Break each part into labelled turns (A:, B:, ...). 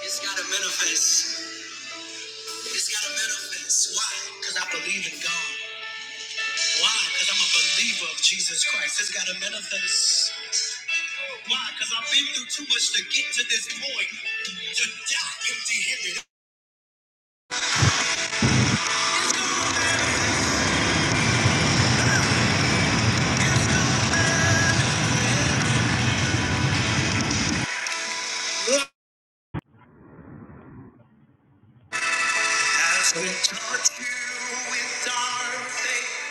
A: It's gotta manifest. It's gotta manifest. Why? Because I believe in God. Why? Because I'm a believer of Jesus Christ. It's gotta manifest. Why? Because I've been through too much to get to this point. To die empty handed. you with our faith,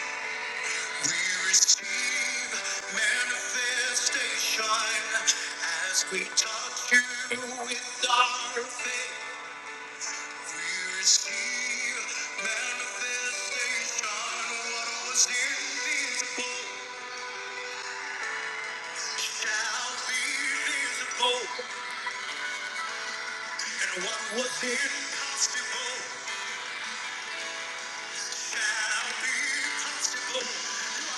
A: we receive manifestation as we touch you with our faith. You receive manifestation. What was invisible shall be visible, and what was impossible shall be possible.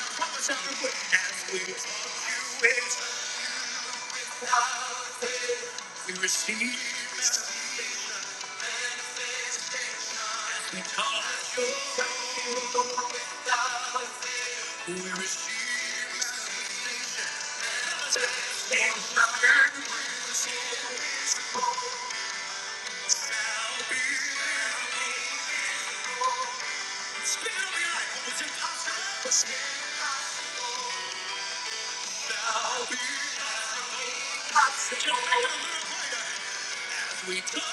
A: Prophesy with as we touch you is we receive as we touch we receive manifestation. Shall be. Speak of your life. What was impossible? We're stealing. We're stealing. We're stealing.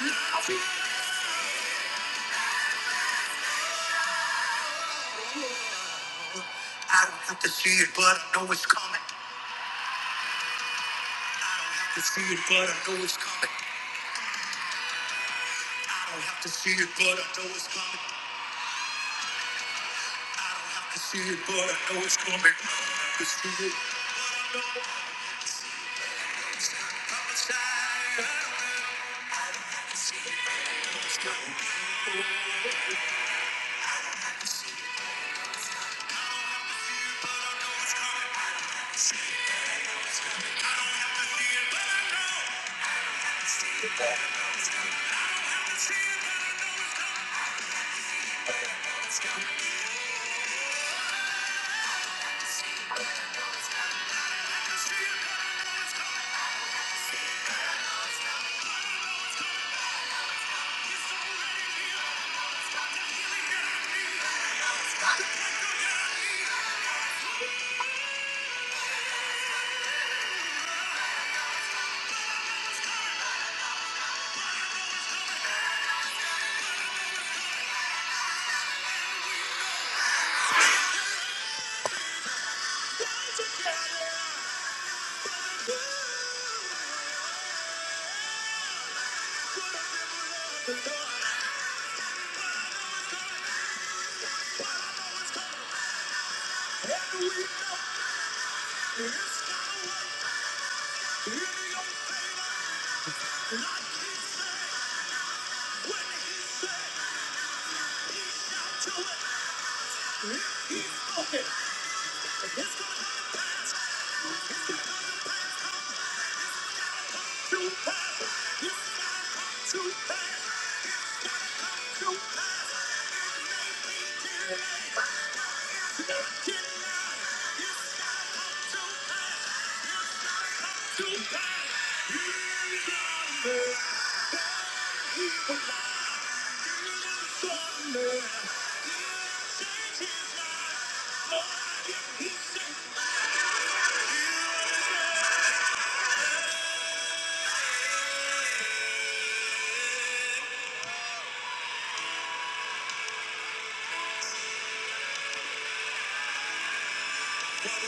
A: We're stealing. I don't have to see it, but I know it's coming. I don't have to see it, but I know it's coming. I don't have to see it, but I know it's coming. I don't have to see it, but I know it's coming. I don't have to see it. I know I'm prophesying. I don't have to see it, but it's coming.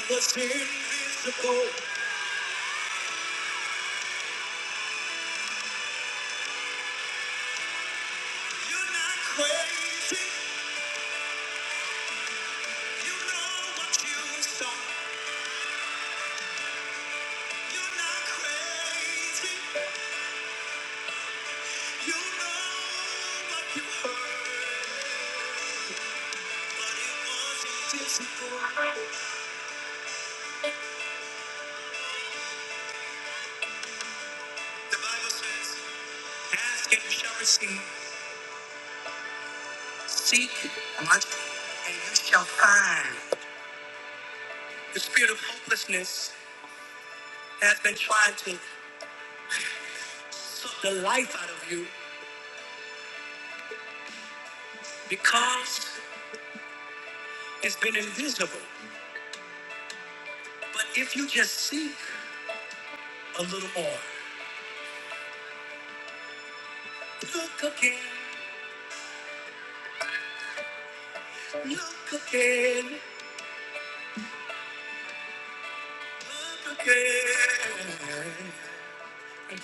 A: What's invisible? You're not crazy. You know what you saw. You're not crazy. You know what you heard, but it wasn't physical. The Bible says, Ask and you shall receive, seek and and you shall find. The spirit of hopelessness has been trying to suck the life out of you because it's been invisible. But if you just seek a little more, look again, look again, look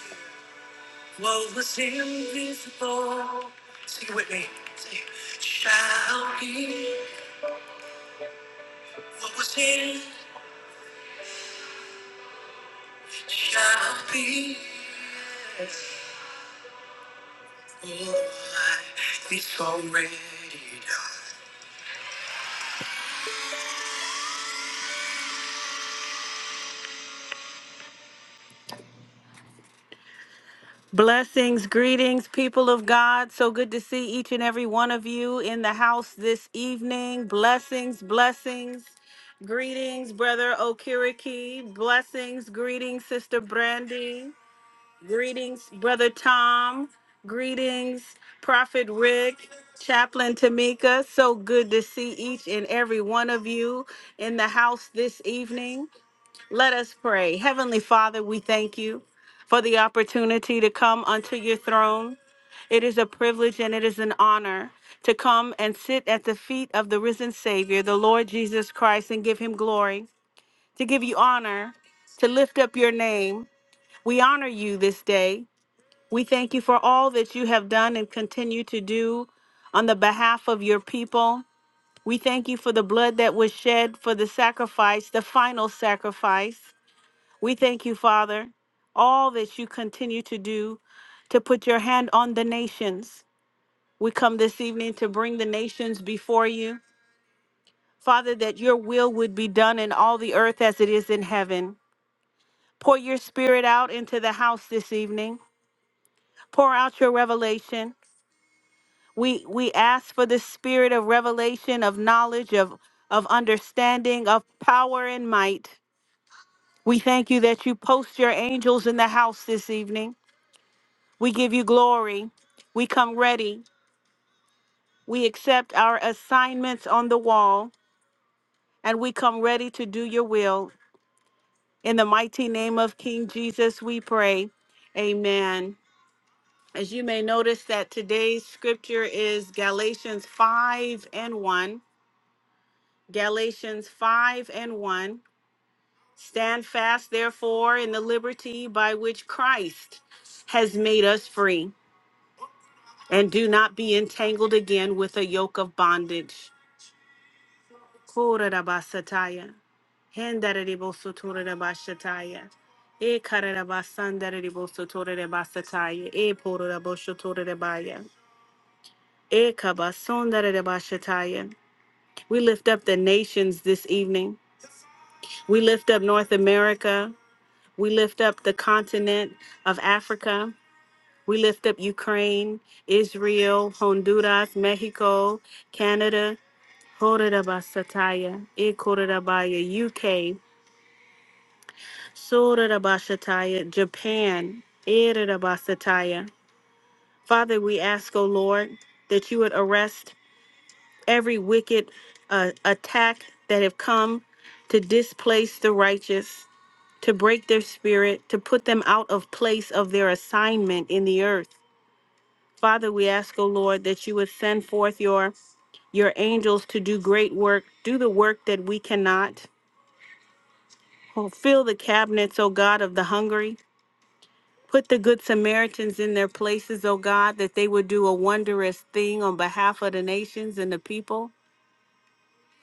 A: again. What was invisible, sing it with me, Say, shall be. What was hidden shall be. Oh, it's already done. Blessings, greetings, people of God. So good to see each and every one of you in the house this evening. Blessings, blessings. Greetings, Brother Okiriki. Blessings, greetings, Sister Brandy. Greetings, Brother Tom. Greetings, Prophet Rick, Chaplain Tamika. So good to see each and every one of you in the house this evening. Let us pray. Heavenly Father, we thank you for the opportunity to come unto your throne. It is a privilege and it is an honor to come and sit at the feet of the risen Savior, the Lord Jesus Christ, and give him glory, to give you honor, to lift up your name. We honor you this day. We thank you for all that you have done and continue to do on the behalf of your people. We thank you for the blood that was shed for the sacrifice, the final sacrifice. We thank you, Father, all that you continue to do to put your hand on the nations. We come this evening to bring the nations before you. Father, that your will would be done in all the earth as it is in heaven. Pour your spirit out into the house this evening. Pour out your revelation. We we ask for the spirit of revelation, of knowledge, of of understanding, of power and might. We thank you that you post your angels in the house this evening. We give you glory. We come ready. We accept our assignments on the wall and we come ready to do your will. In the mighty name of King Jesus, we pray. Amen. As you may notice that today's scripture is Galatians 5 and 1 Galatians 5 and 1. Stand fast, therefore, in the liberty by which Christ has made us free, and do not be entangled again with a yoke of bondage. Kurarabasataya, hendararibosotorarabashataya, ekararabasandararibosotorarabasataya, eporaraboshotorarabaya, ekabasondararabashataya. We lift up the nations this evening. We lift up North America. We lift up the continent of Africa. We lift up Ukraine, Israel, Honduras, Mexico, Canada, Horabasataya, Ikorabaya, UK, Sorabashataya, Japan, Irabasataya. Father, we ask, O Lord, that you would arrest every wicked uh, attack that have come to displace the righteous to break their spirit, to put them out of place of their assignment in the earth. Father, we ask, O Lord, that you would send forth your your angels to do great work, do the work that we cannot. Oh, Fill the cabinets, O God, of the hungry. Put the good Samaritans in their places, O God, that they would do a wondrous thing on behalf of the nations and the people.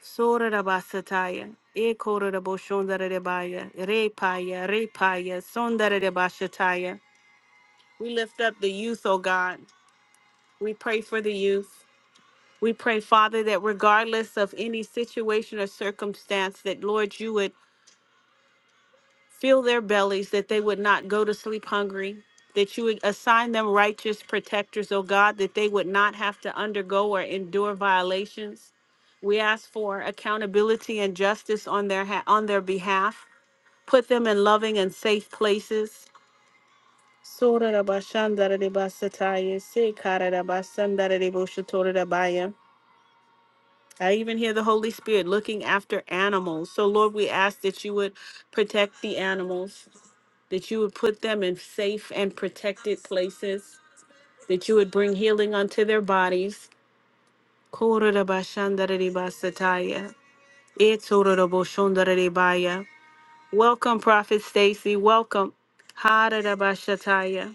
A: Sorarabasataya, ekoraraboshondarerebaya, repaya, repaya, sondarerebashataya. We lift up the youth, oh God. We pray for the youth. We pray, Father, that regardless of any situation or circumstance, that Lord, you would fill their bellies, that they would not go to sleep hungry, that you would assign them righteous protectors, oh God, that they would not have to undergo or endure violations. We ask for accountability and justice on their ha- on their behalf. Put them in loving and safe places. Sora da bashandara de basataya, se kara da basandara de boshotora da baya. I even hear the Holy Spirit looking after animals. So, Lord, we ask that you would protect the animals, that you would put them in safe and protected places, that you would bring healing unto their bodies. Kora da bashandara de basataya, e tora da boshondara de baya. Welcome, Prophet Stacy. Welcome. Hara da bashataya.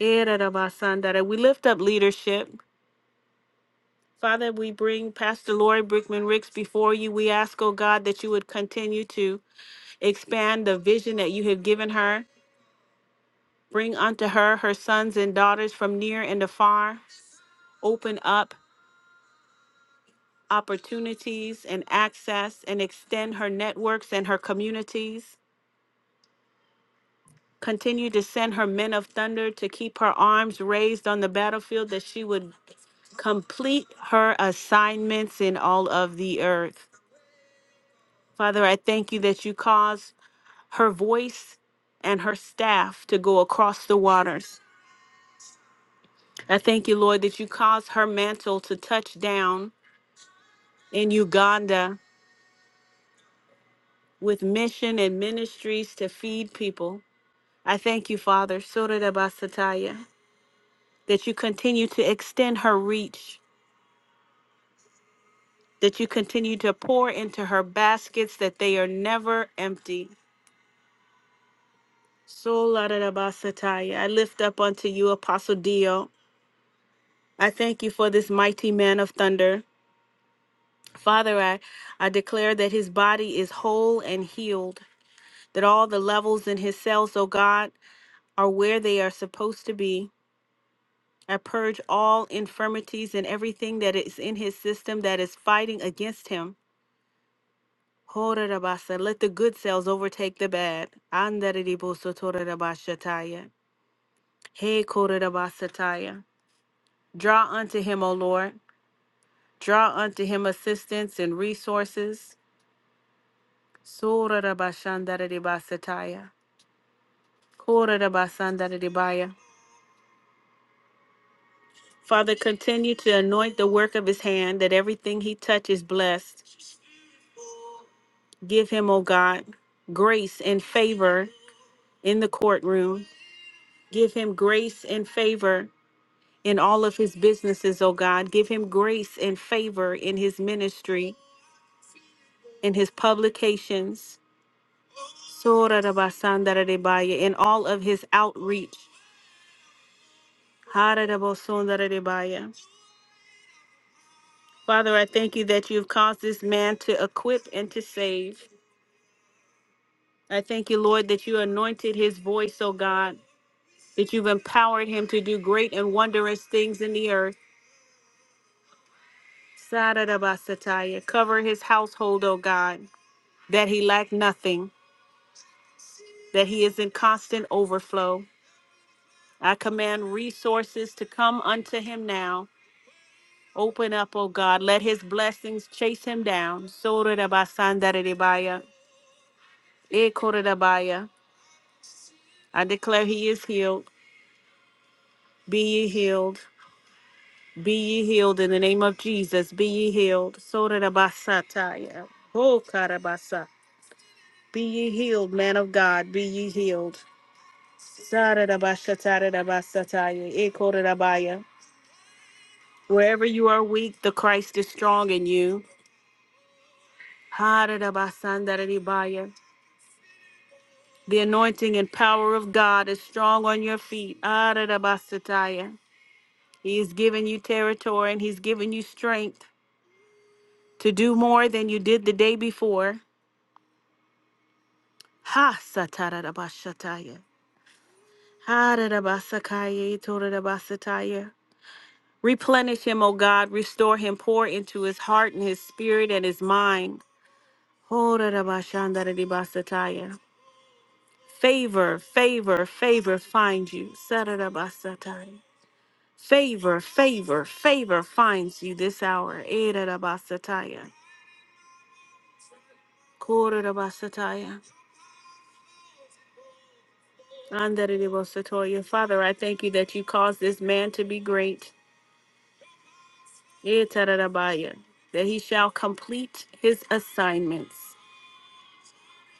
A: Ererabasandara. We lift up leadership. Father, we bring Pastor Lori Brickman Ricks before you. We ask, oh God, that you would continue to expand the vision that you have given her. Bring unto her her sons and daughters from near and afar. Open up opportunities and access and extend her networks and her communities. Continue to send her men of thunder to keep her arms raised on the battlefield that she would complete her assignments in all of the earth. Father, I thank you that you cause her voice and her staff to go across the waters. I thank you, Lord, that you cause her mantle to touch down in Uganda with mission and ministries to feed people. I thank you, Father, Surabasataya, that you continue to extend her reach, that you continue to pour into her baskets, that they are never empty. So la Solarabasataya. I lift up unto you, Apostle Dio. I thank you for this mighty man of thunder. Father, I, I declare that his body is whole and healed, that all the levels in his cells, oh God, are where they are supposed to be. I purge all infirmities and everything that is in his system that is fighting against him. Horarabasa, Let the good cells overtake the bad. Andariribosotorarabashataya. Hey, korarabasataya. Draw unto him, O Lord. Draw unto him assistance and resources. Sora Sorarabashandarabasataya. Korarabasandarabaya. Father, continue to anoint the work of his hand that everything he touches blessed. Give him, O God, grace and favor in the courtroom. Give him grace and favor in all of his businesses, O God. Give him grace and favor in his ministry, in his publications. Sora Sorarabasandarabaya. In all of his outreach. Haradabosundarabaya. Father, I thank you that you've caused this man to equip and to save. I thank you, Lord, that you anointed his voice, O God, that you've empowered him to do great and wondrous things in the earth. Sarabasataya. Cover his household, O God, that he lack nothing, that he is in constant overflow. I command resources to come unto him now. Open up, O God. Let his blessings chase him down. Sorarabasandaridibaya. Ekorabaya. I declare he is healed. Be ye healed. Be ye healed in the name of Jesus. Be ye healed. Sorarabasataya. Oh, karabasa. Be ye healed, man of God. Be ye healed. Sararabashatarabasataya. Ekorarabaya. Wherever you are weak, the Christ is strong in you. Hararabasandarabaya. The anointing and power of God is strong on your feet. Ararabasataya. He is giving you territory and he's giving you strength. to do more than you did the day before. Ha satarabashataya. Harabasakaya torabasataya. Replenish him, O God, restore him, pour into his heart and his spirit and his mind. Horabashandarabasataya. Favor, favor, favor finds you. Satarabasataya. Favor, favor, favor finds you this hour. Erabasataya. Korabasataya. Andarabosatoya. Father, I thank you that you caused this man to be great. Itarabaya. That he shall complete his assignments.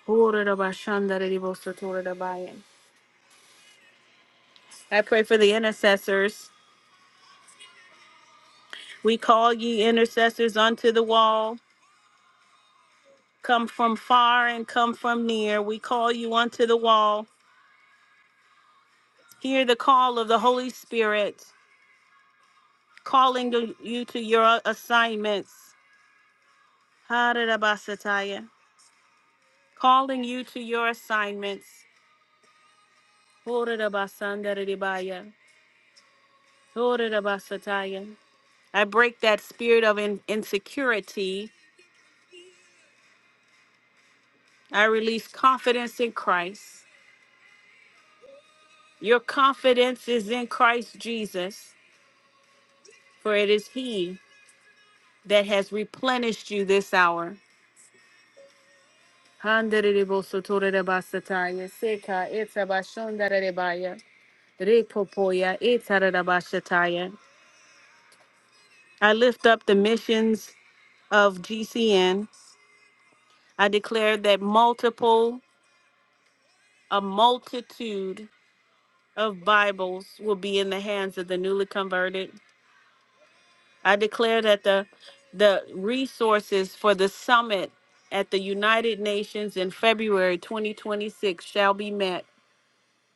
A: Horarabashandarabosatoya. I pray for the intercessors. We call ye intercessors unto the wall. Come from far and come from near. We call you unto the wall. Hear the call of the Holy Spirit calling to- you to your assignments. Hararabasataya. calling you to your assignments. Horabasandaribaya, horabasataya. I break that spirit of in- insecurity. I release confidence in Christ. Your confidence is in Christ Jesus, for it is He that has replenished you this hour. Handariribosotorabasataya, seka itabashondaribaya, repopoya itarabashataya. I lift up the missions of GCN. I declare that multiple, a multitude of Bibles will be in the hands of the newly converted. I declare that the the resources for the summit at the United Nations in February 2026 shall be met.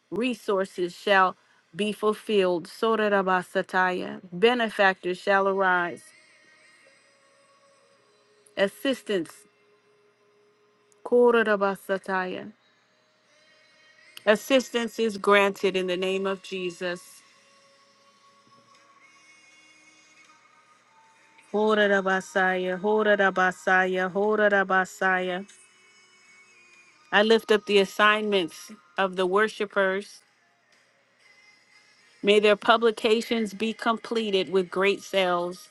A: Resources shall be fulfilled. Sorarabasataya. Benefactors shall arise. Assistance. Korarabasataya. Assistance is granted in the name of Jesus. Horarabasaya, horarabasaya, horarabasaya. I lift up the assignments of the worshipers. May their publications be completed with great sales.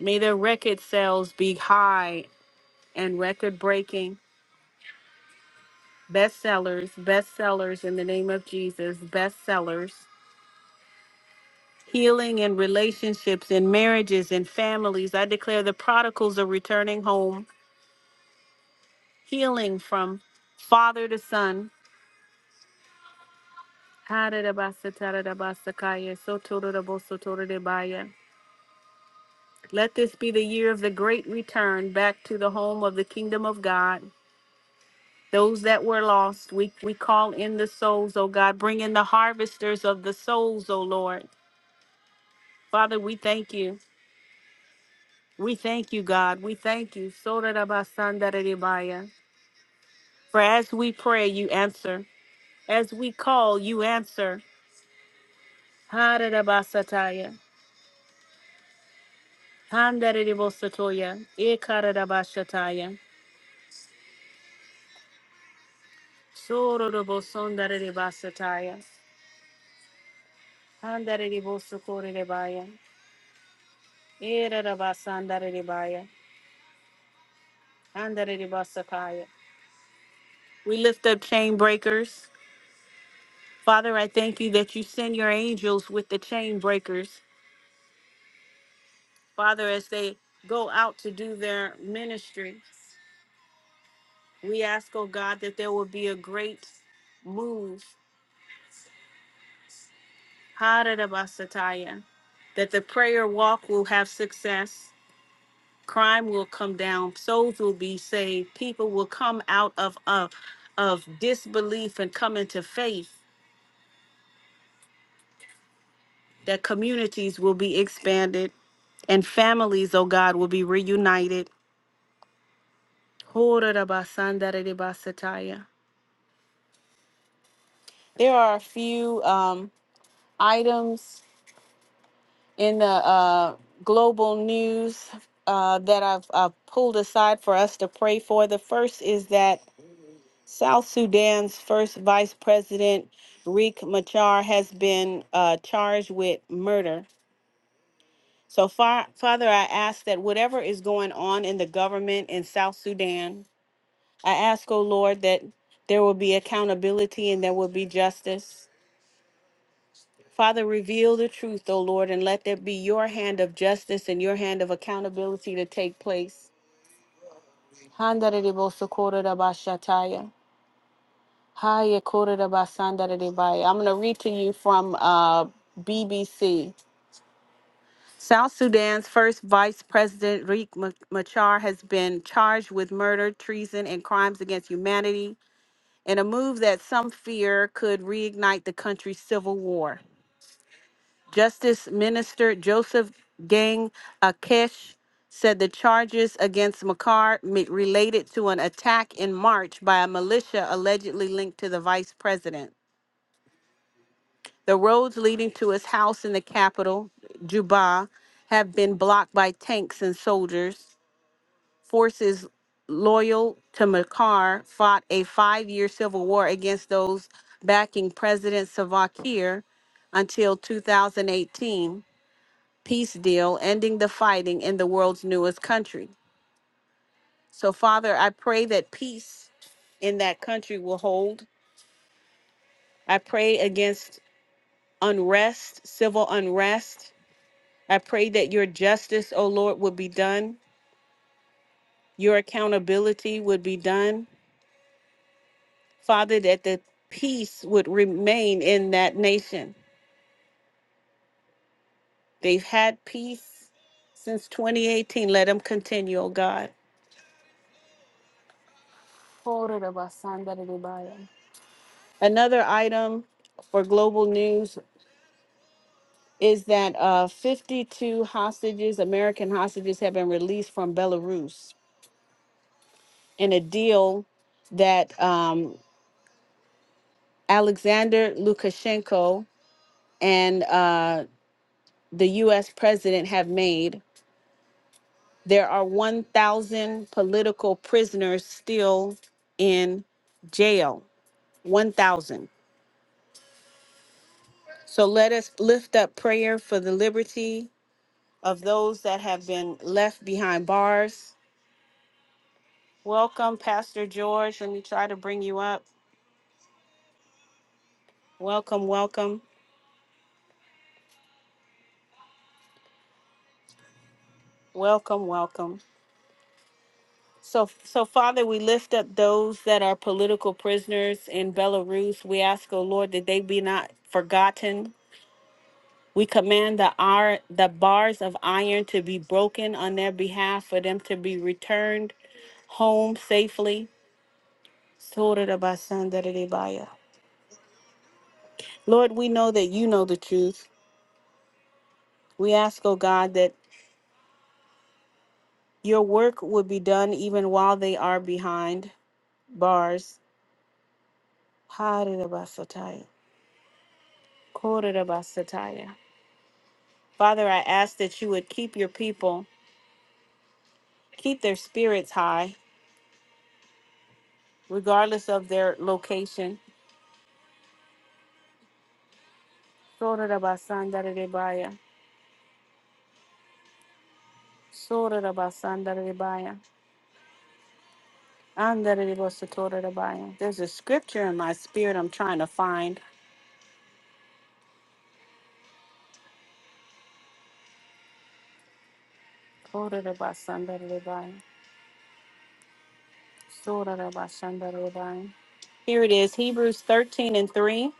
A: May their record sales be high and record breaking. Bestsellers, bestsellers in the name of Jesus, bestsellers. Healing in relationships, in marriages, in families. I declare the prodigals are returning home, healing from father to son, ha da Let this be the year of the great return back to the home of the kingdom of God. Those that were lost, we, we call in the souls, O God. Bring in the harvesters of the souls, O Lord. Father, we thank you. We thank you, God. We thank you. so da da ba san da For as we pray, you answer. As we call, you answer. ha da da Sororobo sondare basataya. Andare We lift up chain breakers. Father, I thank you that you send your angels with the chain breakers. Father, as they go out to do their ministry, we ask, oh God, that there will be a great move. Harada basataya. That the prayer walk will have success. crime will come down souls will be saved people will come out of of, of disbelief and come into faith that communities will be expanded and families oh god will be reunited Horarabasandararebasataya. there are a few um, items in the uh, global news uh, that I've, I've pulled aside for us to pray for. The first is that South Sudan's first vice president, Riek Machar, has been uh, charged with murder. So, far, Father, I ask that whatever is going on in the government in South Sudan, I ask, O Lord, that there will be accountability and there will be justice. Father, reveal the truth, O Lord, and let there be your hand of justice and your hand of accountability to take place. Hi, Yakuta Basanda Baye. I'm going to read to you from uh, BBC. South Sudan's first vice president, Riek Ma- Machar, has been charged with murder, treason, and crimes against humanity in a move that some fear could reignite the country's civil war. Justice Minister Joseph Gang Akesh said the charges against Makar m- related to an attack in March by a militia allegedly linked to the vice president. The roads leading to his house in the capital, Juba, have been blocked by tanks and soldiers. Forces loyal to Makar fought a five year civil war against those backing President Salva Kiir until 2018 peace deal, ending the fighting in the world's newest country. So, Father, I pray that peace in that country will hold. I pray against unrest, civil unrest, I pray that your justice, O Lord, would be done, your accountability would be done. Father, that the peace would remain in that nation. They've had peace since 2018. Let them continue, O God. Another item for global news is that uh, 52 hostages, American hostages, have been released from Belarus in a deal that um, Alexander Lukashenko and uh, the US president have made. There are 1,000 political prisoners still in jail. 1,000. So let us lift up prayer for the liberty of those that have been left behind bars. Welcome, Pastor George. Let me try to bring you up. Welcome, welcome, welcome, welcome. So, so Father, we lift up those that are political prisoners in Belarus. We ask, oh Lord, that they be not forgotten We command the iron, the bars of iron to be broken on their behalf for them to be returned home safely. Lord, we know that you know the truth. We ask, oh God, that your work would be done even while they are behind bars. Father, I ask that you would keep your people, keep their spirits high, regardless of their location. Sora da ba sanda da di baya. Anda There's a scripture in my spirit I'm trying to find. Kora da ba sanda Sora da ba sanda Here it is Hebrews 13 and 3.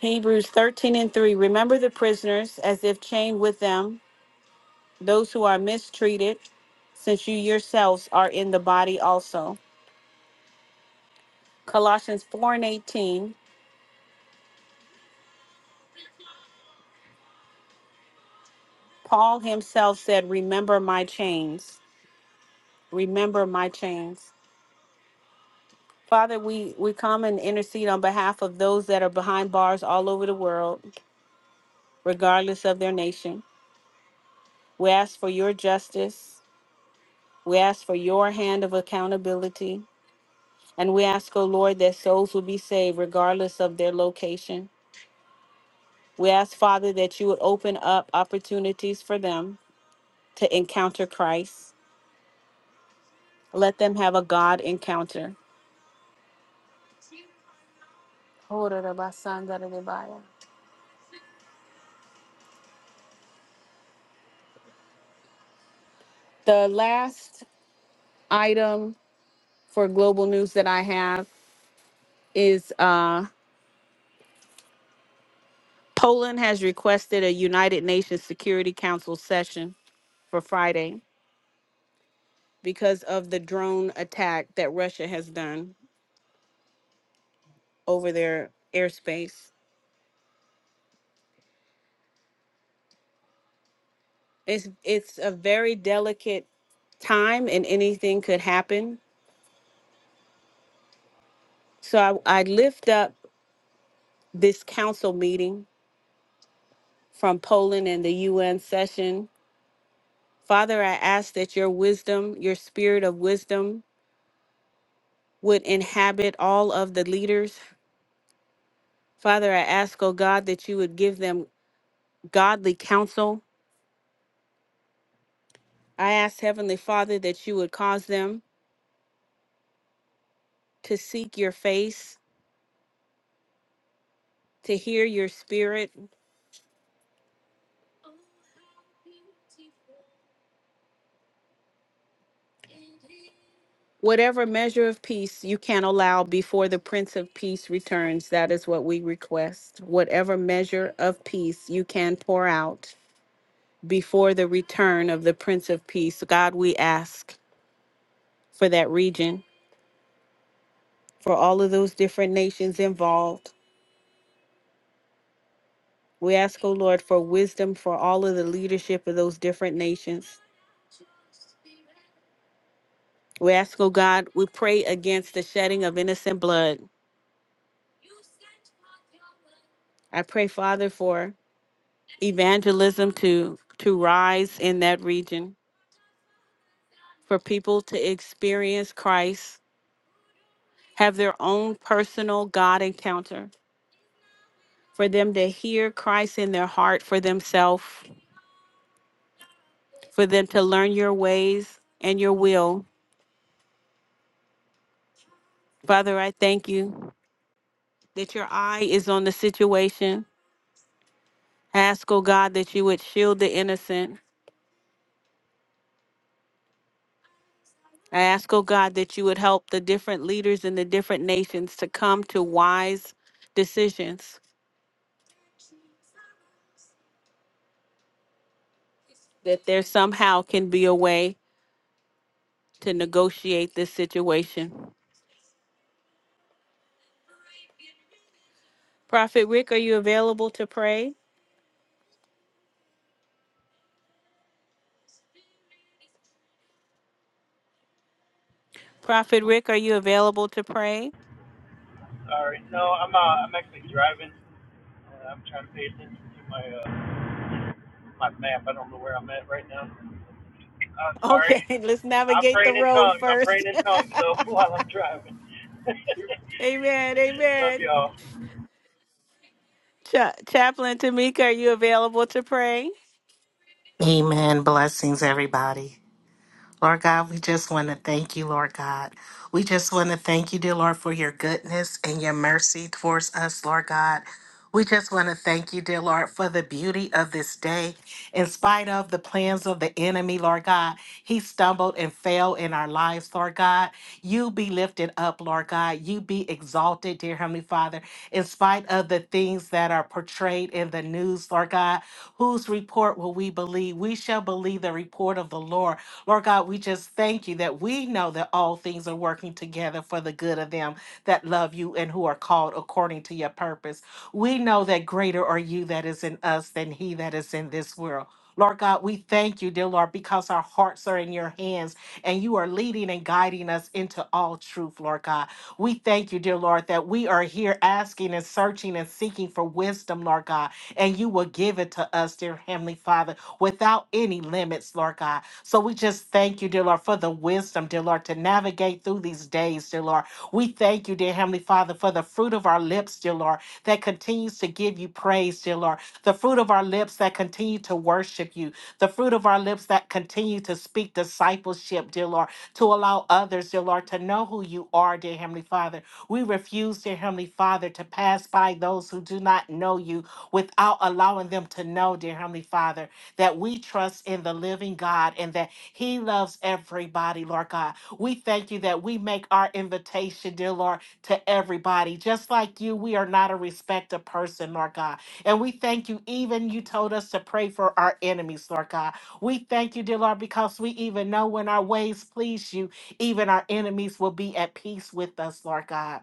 A: Hebrews 13 and 3. Remember the prisoners as if chained with them, those who are mistreated, since you yourselves are in the body also. Colossians 4 and 18. Paul himself said, Remember my chains. Remember my chains. Father, we, we come and intercede on behalf of those that are behind bars all over the world, regardless of their nation. We ask for your justice. We ask for your hand of accountability. And we ask, O Lord, that souls will be saved regardless of their location. We ask, Father, that you would open up opportunities for them to encounter Christ. Let them have a God encounter. The last item for global news that I have is uh, Poland has requested a United Nations Security Council session for Friday because of the drone attack that Russia has done over their airspace. It's it's a very delicate time and anything could happen. So I, I lift up this council meeting from Poland and the UN session. Father, I ask that your wisdom, your spirit of wisdom, would inhabit all of the leaders Father, I ask, oh God, that you would give them godly counsel. I ask, Heavenly Father, that you would cause them to seek your face, to hear your spirit. Whatever measure of peace you can allow before the Prince of Peace returns, that is what we request. Whatever measure of peace you can pour out before the return of the Prince of Peace, God, we ask for that region, for all of those different nations involved. We ask, oh Lord, for wisdom for all of the leadership of those different nations. We ask, oh God, we pray against the shedding of innocent blood. I pray, Father, for evangelism to to rise in that region, for people to experience Christ, have their own personal God encounter, for them to hear Christ in their heart for themselves, for them to learn your ways and your will. Father, I thank you that your eye is on the situation I ask, oh God, that you would shield the innocent. I ask, oh God, that you would help the different leaders in the different nations to come to wise decisions, that there somehow can be a way to negotiate this situation. Prophet Rick, are you available to pray? Prophet Rick, are you available to pray?
B: All right. No, I'm uh, I'm actually driving. Uh, I'm trying to pay attention to my uh, my map. I don't know where I'm at right now. Uh, sorry.
A: Okay, let's
B: I'm
A: navigate the
B: praying in
A: road
B: tongues. I'm
A: first.
B: praying in tongues though while I'm driving.
A: amen,
B: Love
A: amen.
B: y'all.
A: Cha- Chaplain Tamika, are you available to pray?
C: Amen. Blessings, everybody. Lord God, we just want to thank you, Lord God. We just want to thank you, dear Lord, for your goodness and your mercy towards us, Lord God. We just want to thank you, dear Lord, for the beauty of this day. In spite of the plans of the enemy, Lord God, he stumbled and fell in our lives, Lord God. You be lifted up, Lord God. You be exalted, dear Heavenly Father, in spite of the things that are portrayed in the news, Lord God. Whose report will we believe? We shall believe the report of the Lord. Lord God, we just thank you that we know that all things are working together for the good of them that love you and who are called according to your purpose. We know that greater are you that is in us than he that is in this world. Lord God, we thank you, dear Lord, because our hearts are in your hands and you are leading and guiding us into all truth, Lord God. We thank you, dear Lord, that we are here asking and searching and seeking for wisdom, Lord God, and you will give it to us, dear Heavenly Father, without any limits, Lord God. So we just thank you, dear Lord, for the wisdom, dear Lord, to navigate through these days, dear Lord. We thank you, dear Heavenly Father, for the fruit of our lips, dear Lord, that continues to give you praise, dear Lord. The fruit of our lips that continue to worship you. The fruit of our lips that continue to speak discipleship, dear Lord, to allow others, dear Lord, to know who you are, dear Heavenly Father. We refuse, dear Heavenly Father, to pass by those who do not know you without allowing them to know, dear Heavenly Father, that we trust in the living God and that He loves everybody, Lord God. We thank you that we make our invitation, dear Lord to everybody. Just like you, we are not a respecter person, Lord God. And we thank you, even you told us to pray for our enemies, Lord God. We thank you, dear Lord, because we even know when our ways please you, even our enemies will be at peace with us, Lord God.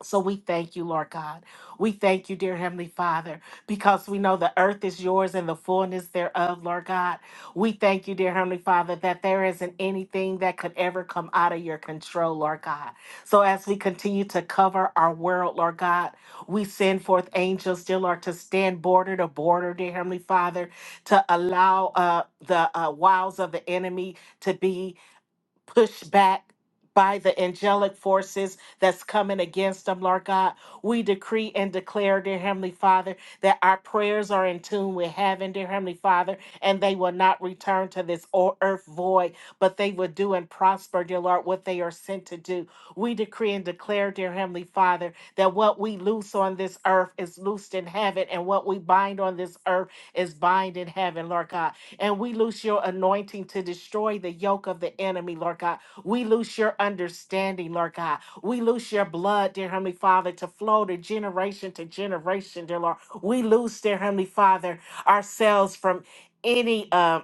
C: So we thank you, Lord God. We thank you, dear Heavenly Father, because we know the earth is yours and the fullness thereof, Lord God. We thank you, dear Heavenly Father, that there isn't anything that could ever come out of your control, Lord God. So as we continue to cover our world, Lord God, we send forth angels, dear Lord, to stand border to border, dear Heavenly Father, to allow uh, the uh, wiles of the enemy to be pushed back by the angelic forces that's coming against them, Lord God. We decree and declare, dear Heavenly Father, that our prayers are in tune with heaven, dear Heavenly Father, and they will not return to this o- earth void, but they will do and prosper, dear Lord, what they are sent to do. We decree and declare, dear Heavenly Father, that what we loose on this earth is loosed in heaven, and what we bind on this earth is bind in heaven, Lord God. And we loose your anointing to destroy the yoke of the enemy, Lord God. We loose your understanding, Lord God. We loose your blood, dear Heavenly Father, to flow to generation to generation, dear Lord. We loose, dear Heavenly Father, ourselves from any uh,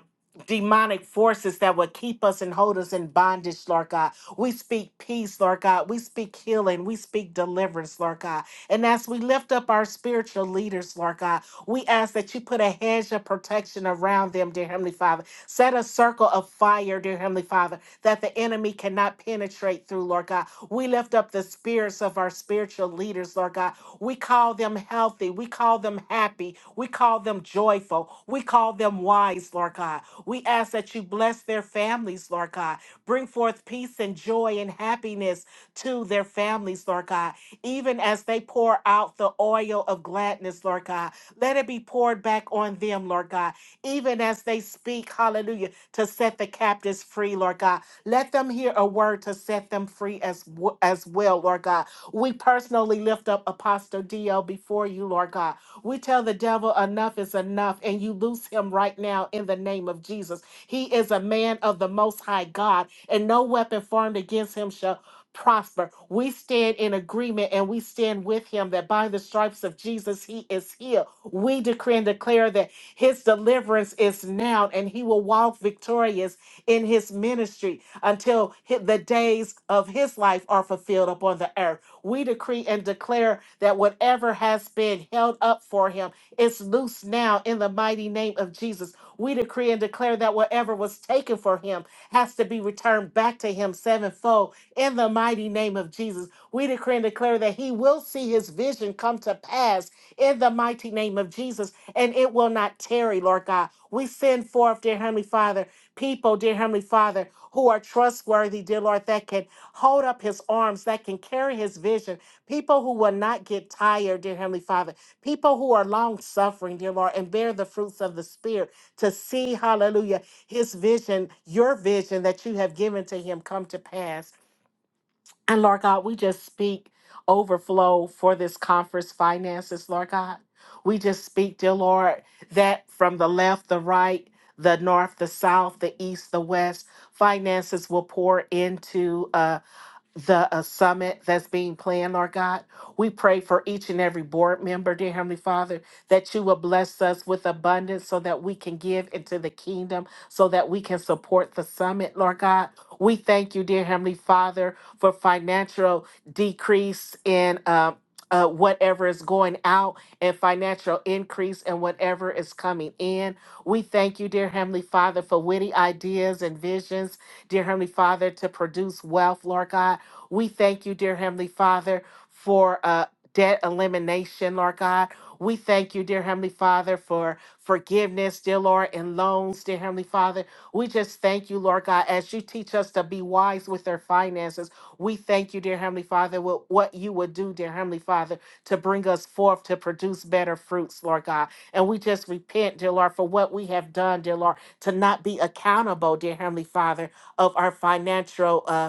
C: demonic forces that would keep us and hold us in bondage, Lord God. We speak peace, Lord God. We speak healing. We speak deliverance, Lord God. And as we lift up our spiritual leaders, Lord God, we ask that you put a hedge of protection around them, dear Heavenly Father. Set a circle of fire, dear Heavenly Father, that the enemy cannot penetrate through, Lord God. We lift up the spirits of our spiritual leaders, Lord God. We call them healthy. We call them happy. We call them joyful. We call them wise, Lord God. We ask that you bless their families, Lord God. Bring forth peace and joy and happiness to their families, Lord God. Even as they pour out the oil of gladness, Lord God. Let it be poured back on them, Lord God, even as they speak, hallelujah, to set the captives free, Lord God. Let them hear a word to set them free as, w- as well, Lord God. We personally lift up Apostle DL before you, Lord God. We tell the devil enough is enough, and you loose him right now in the name of Jesus. He is a man of the Most High God, and no weapon formed against him shall prosper. We stand in agreement and we stand with him that by the stripes of Jesus, he is healed. We decree and declare that his deliverance is now, and he will walk victorious in his ministry until hi- the days of his life are fulfilled upon the earth. We decree and declare that whatever has been held up for him is loose now in the mighty name of Jesus. We decree and declare that whatever was taken for him has to be returned back to him sevenfold in the mighty name of Jesus. We decree and declare that he will see his vision come to pass in the mighty name of Jesus, and it will not tarry, Lord God. We send forth, dear Heavenly Father, people, dear Heavenly Father, who are trustworthy, dear Lord, that can hold up his arms, that can carry his vision, people who will not get tired, dear Heavenly Father, people who are long suffering, dear Lord, and bear the fruits of the Spirit to see, hallelujah, his vision, your vision that you have given to him come to pass. And Lord God, we just speak overflow for this conference finances, Lord God. We just speak, dear Lord, that from the left, the right, the north, the south, the east, the west, finances will pour into us the uh, summit that's being planned, Lord God. We pray for each and every board member, dear Heavenly Father, that you will bless us with abundance so that we can give into the kingdom, so that we can support the summit, Lord God. We thank you, dear Heavenly Father, for financial decrease in. Uh, uh, whatever is going out and financial increase in whatever is coming in. We thank you, dear Heavenly Father, for witty ideas and visions, dear Heavenly Father, to produce wealth, Lord God. We thank you, dear Heavenly Father, for uh, debt elimination, Lord God. We thank you, dear Heavenly Father, for forgiveness, dear Lord, and loans, dear Heavenly Father. We just thank you, Lord God, as you teach us to be wise with our finances. We thank you, dear Heavenly Father, with what you would do, dear Heavenly Father, to bring us forth to produce better fruits, Lord God. And we just repent, dear Lord, for what we have done, dear Lord, to not be accountable, dear Heavenly Father, of our financial uh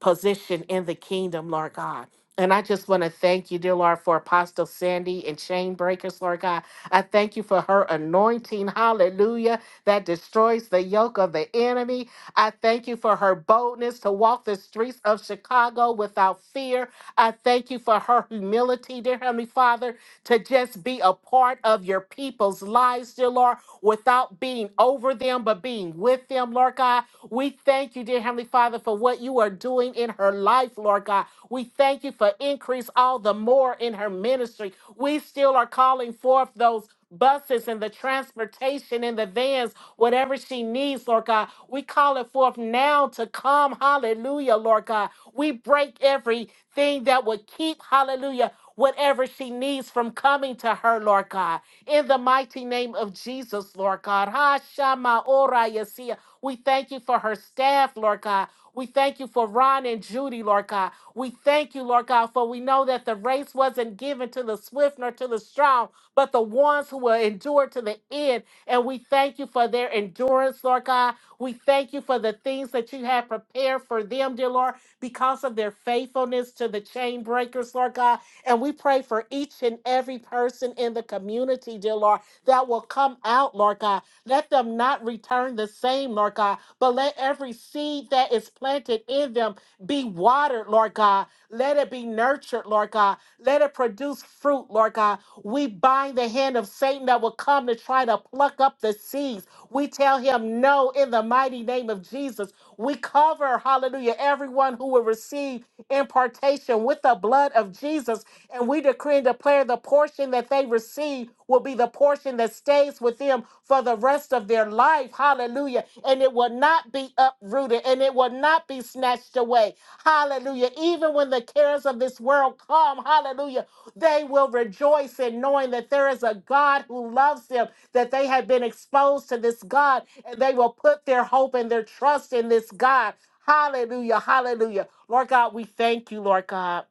C: position in the kingdom, Lord God. And I just want to thank you, dear Lord, for Apostle Sandy and Chain Breakers, Lord God. I thank you for her anointing. Hallelujah that destroys the yoke of the enemy. I thank you for her boldness to walk the streets of Chicago without fear. I thank you for her humility, dear Heavenly Father, to just be a part of your people's lives, dear Lord, without being over them, but being with them, Lord God. We thank you, dear Heavenly Father, for what you are doing in her life, Lord God. We thank you for increase all the more in her ministry. We still are calling forth those buses and the transportation and the vans, whatever she needs, Lord God. We call it forth now to come. Hallelujah, Lord God. We break everything that would keep, hallelujah, whatever she needs from coming to her, Lord God. In the mighty name of Jesus, Lord God. Ha Shama Ora Yesia. We thank you for her staff, Lord God. We thank you for Ron and Judy, Lord God. We thank you, Lord God, for we know that the race wasn't given to the swift nor to the strong, but the ones who will endure to the end. And we thank you for their endurance, Lord God. We thank you for the things that you have prepared for them, dear Lord, because of their faithfulness to the chain breakers, Lord God. And we pray for each and every person in the community, dear Lord, that will come out, Lord God. Let them not return the same, Lord God, but let every seed that is planted in them be watered, Lord God let it be nurtured, Lord God. Let it produce fruit, Lord God. We bind the hand of Satan that will come to try to pluck up the seeds. We tell him no in the mighty name of Jesus. We cover, hallelujah, everyone who will receive impartation with the blood of Jesus. And we decree and declare the portion that they receive will be the portion that stays with them for the rest of their life. Hallelujah. And it will not be uprooted and it will not be snatched away. Hallelujah. Even when the cares of this world come, hallelujah, they will rejoice in knowing that there is a God who loves them, that they have been exposed to this God, and they will put their hope and their trust in this God. Hallelujah. Hallelujah. Lord God, we thank you, Lord God.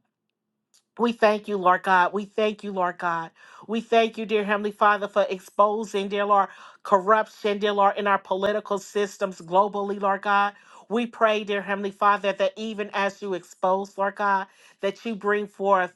C: We thank you, Lord God. We thank you, Lord God. We thank you, dear Heavenly Father, for exposing, dear Lord, corruption, dear Lord, in our political systems globally, Lord God. We pray, dear Heavenly Father, that even as you expose, Lord God, that you bring forth,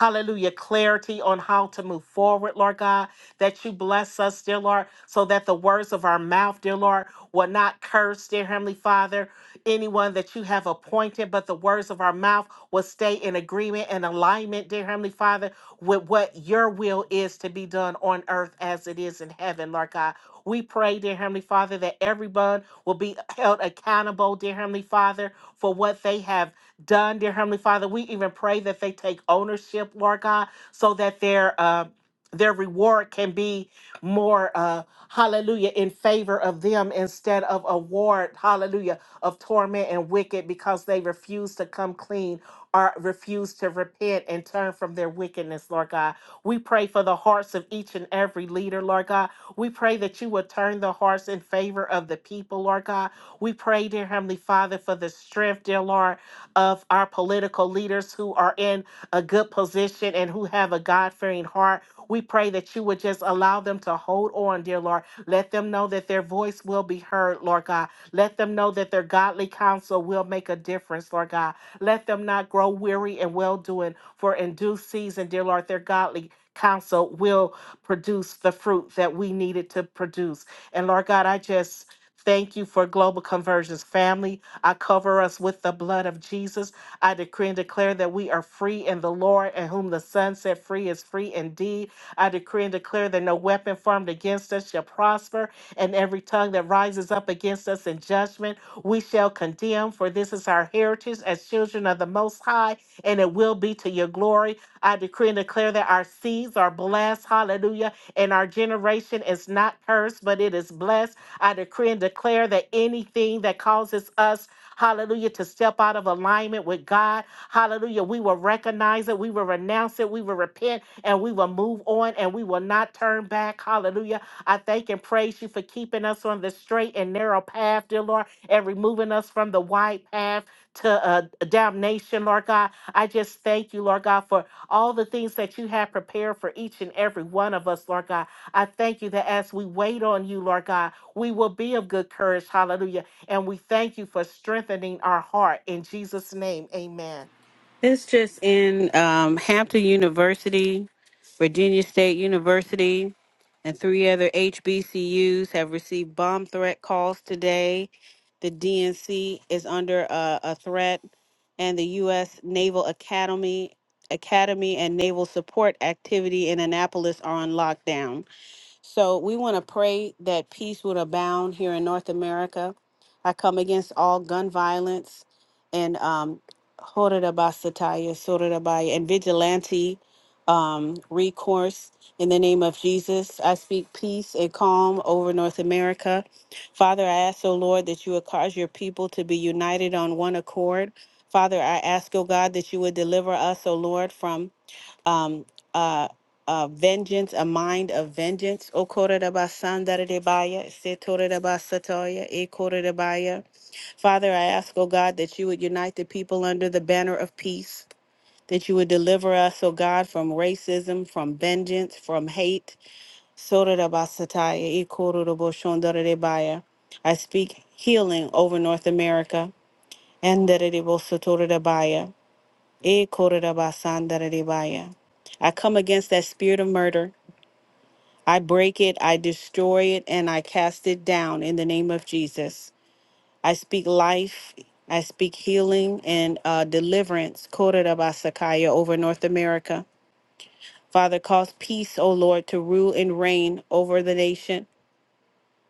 C: hallelujah, clarity on how to move forward, Lord God, that you bless us, dear Lord, so that the words of our mouth, dear Lord, will not curse, dear Heavenly Father, anyone that you have appointed, but the words of our mouth will stay in agreement and alignment, dear Heavenly Father, with what your will is to be done on earth as it is in heaven, Lord God. We pray, dear Heavenly Father, that everyone will be held accountable, dear Heavenly Father, for what they have done, dear Heavenly Father. We even pray that they take ownership, Lord God, so that their uh, their reward can be more uh hallelujah in favor of them instead of award hallelujah of torment and wicked because they refuse to come clean or refuse to repent and turn from their wickedness, Lord God. We pray for the hearts of each and every leader, Lord God. We pray that you would turn the hearts in favor of the people, Lord God. We pray, dear Heavenly Father, for the strength, dear Lord, of our political leaders who are in a good position and who have a God fearing heart. We pray that you would just allow them to hold on, dear Lord. Let them know that their voice will be heard, Lord God. Let them know that their godly counsel will make a difference, Lord God. Let them not grow weary and well doing, for in due season, dear Lord, their godly council will produce the fruit that we needed to produce. And Lord God, I just thank you for Global Conversions family. I cover us with the blood of Jesus. I decree and declare that we are free in the Lord, and whom the Son set free is free indeed. I decree and declare that no weapon formed against us shall prosper, and every tongue that rises up against us in judgment we shall condemn, for this is our heritage as children of the Most High, and it will be to your glory. I decree and declare that our seeds are blessed. Hallelujah. And our generation is not cursed, but it is blessed. I decree and declare that anything that causes us, hallelujah, to step out of alignment with God, hallelujah, we will recognize it, we will renounce it, we will repent, and we will move on, and we will not turn back. Hallelujah. I thank and praise you for keeping us on the straight and narrow path, dear Lord, and removing us from the wide path to uh, damnation, Lord God. I just thank you, Lord God, for all the things that you have prepared for each and every one of us, Lord God. I thank you that as we wait on you, Lord God, we will be of good courage. Hallelujah. And we thank you for strengthening our heart. In Jesus' name, amen.
A: It's just in um, Hampton University, Virginia State University, and three other HBCUs have received bomb threat calls today. The DNC is under uh, a threat, and the U.S. Naval Academy, Academy, and Naval Support Activity in Annapolis are on lockdown. So we want to pray that peace would abound here in North America. I come against all gun violence and um, Horerabasataya, Sorerabaya, and vigilante um, recourse in the name of Jesus. I speak peace and calm over North America. Father, I ask, O Lord, that you would cause your people to be united on one accord. Father, I ask, O God, that you would deliver us, O Lord, from um, uh, uh, vengeance, a mind of vengeance. O Okorodabasandararebaya, Setorodabasatoya, Ekorodabaya. Father, I ask, O God, that you would unite the people under the banner of peace, that you would deliver us, O God, from racism, from vengeance, from hate. Sorodabasataya, Ekorodobosondarerebaya. I speak healing over North America. And Sotorebaya. Eh, korirabasandararebaya. I come against that spirit of murder. I break it, I destroy it, and I cast it down in the name of Jesus. I speak life, I speak healing and uh, deliverance, korirabasakaya, over North America. Father, cause peace, O Lord, to rule and reign over the nation.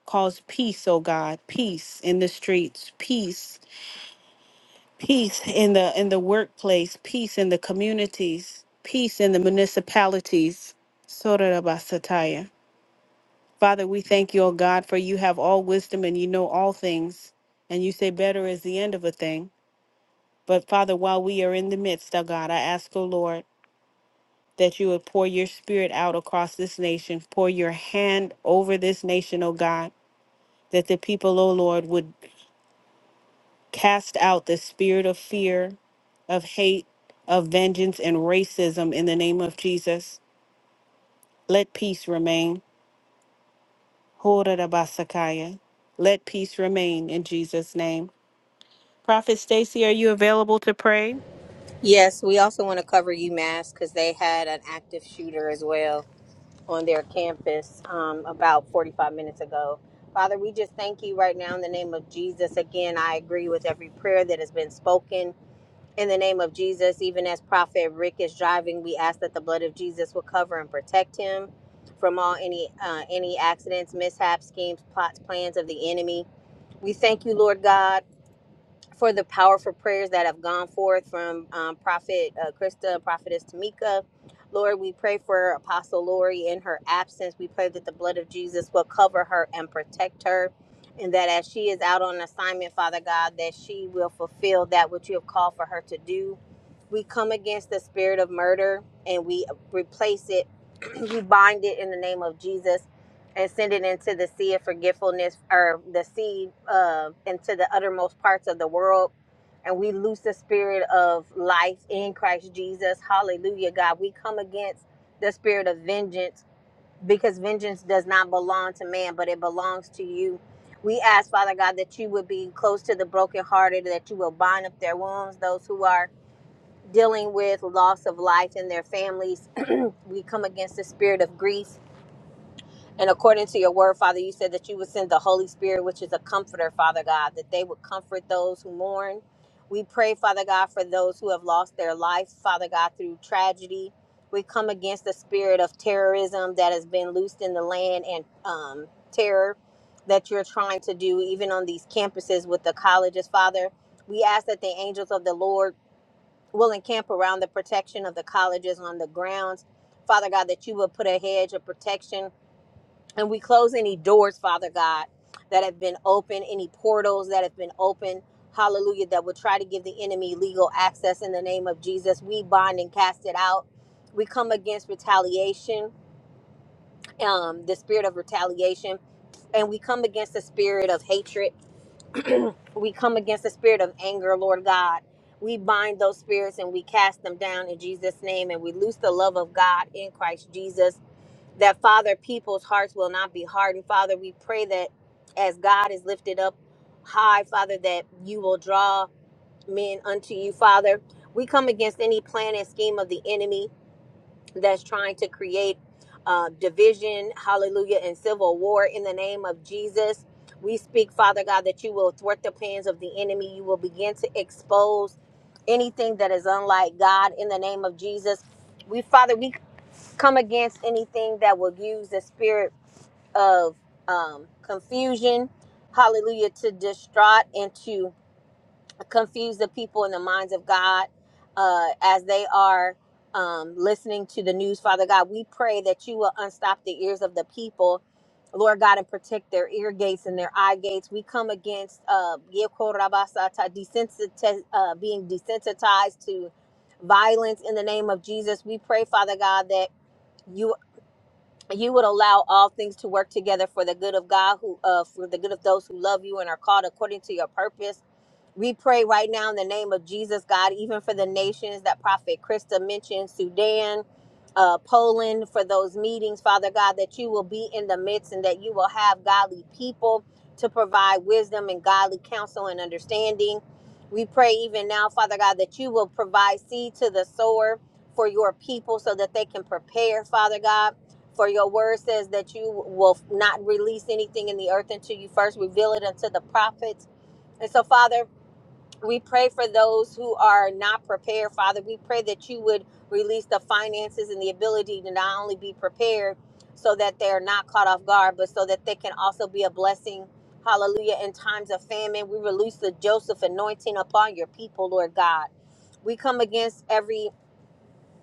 A: Cause peace, O God, peace in the streets, peace peace in the in the workplace, peace in the communities, peace in the municipalities. Sorarabasataya. Father, we thank you, O God, for you have all wisdom and you know all things, and you say better is the end of a thing. But Father, while we are in the midst, O God, I ask, O Lord, that you would pour your spirit out across this nation, pour your hand over this nation, O God, that the people, O Lord, would cast out the spirit of fear, of hate, of vengeance, and racism in the name of Jesus. Let peace remain. Horarabasakaya. Let peace remain in Jesus' name. Prophet Stacy, are you available to pray?
D: Yes, we also want to cover UMass because they had an active shooter as well on their campus um, about 45 minutes ago. Father, we just thank you right now in the name of Jesus. Again, I agree with every prayer that has been spoken. In the name of Jesus, even as Prophet Rick is driving, we ask that the blood of Jesus will cover and protect him from all any uh, any accidents, mishaps, schemes, plots, plans of the enemy. We thank you, Lord God for the powerful prayers that have gone forth from um, Prophet uh, Krista and Prophetess Tamika. Lord, we pray for Apostle Lori in her absence. We pray that the blood of Jesus will cover her and protect her. And that as she is out on assignment, Father God, that she will fulfill that which you have called for her to do. We come against the spirit of murder and we replace it. we bind it in the name of Jesus and send it into the sea of forgetfulness or the sea uh, into the uttermost parts of the world. And we lose the spirit of life in Christ Jesus. Hallelujah, God. We come against the spirit of vengeance because vengeance does not belong to man, but it belongs to you. We ask, Father God, that you would be close to the brokenhearted, that you will bind up their wounds, those who are dealing with loss of life in their families. we come against the spirit of grief and according to your word, Father, you said that you would send the Holy Spirit, which is a comforter, Father God, that they would comfort those who mourn. We pray, Father God, for those who have lost their life, Father God, through tragedy. We come against the spirit of terrorism that has been loosed in the land and um, terror that you're trying to do, even on these campuses with the colleges, Father. We ask that the angels of the Lord will encamp around the protection of the colleges on the grounds. Father God, that you will put a hedge of protection and we close any doors, Father God, that have been open, any portals that have been open, hallelujah, that would try to give the enemy legal access in the name of Jesus. We bind and cast it out. We come against retaliation, um, the spirit of retaliation, and we come against the spirit of hatred. We come against the spirit of anger, Lord God. We bind those spirits and we cast them down in Jesus' name, and we loose the love of God in Christ Jesus that father people's hearts will not be hardened father we pray that as god is lifted up high father that you will draw men unto you father we come against any plan and scheme of the enemy that's trying to create uh, division hallelujah and civil war in the name of jesus we speak father god that you will thwart the plans of the enemy you will begin to expose anything that is unlike god in the name of jesus we father we come against anything that will use the spirit of um, confusion, hallelujah, to distract and to confuse the people in the minds of God uh, as they are um, listening to the news. Father God, we pray that you will unstop the ears of the people. Lord God, and protect their ear gates and their eye gates. We come against uh, yekorabasata, desensitiz- uh, being desensitized to violence in the name of Jesus. We pray, Father God, that you you would allow all things to work together for the good of God who uh, for the good of those who love you and are called according to your purpose we pray right now in the name of Jesus, God, even for the nations that Prophet Krista mentioned, Sudan, uh, Poland, for those meetings, Father God, that you will be in the midst and that you will have godly people to provide wisdom and godly counsel and understanding. We pray even now, Father God, that you will provide seed to the sower for your people so that they can prepare, Father God. For your word says that you will not release anything in the earth until you first reveal it unto the prophets. And so, Father, we pray for those who are not prepared, Father. We pray that you would release the finances and the ability to not only be prepared so that they're not caught off guard, but so that they can also be a blessing. Hallelujah. In times of famine, we release the Joseph anointing upon your people, Lord God. We come against every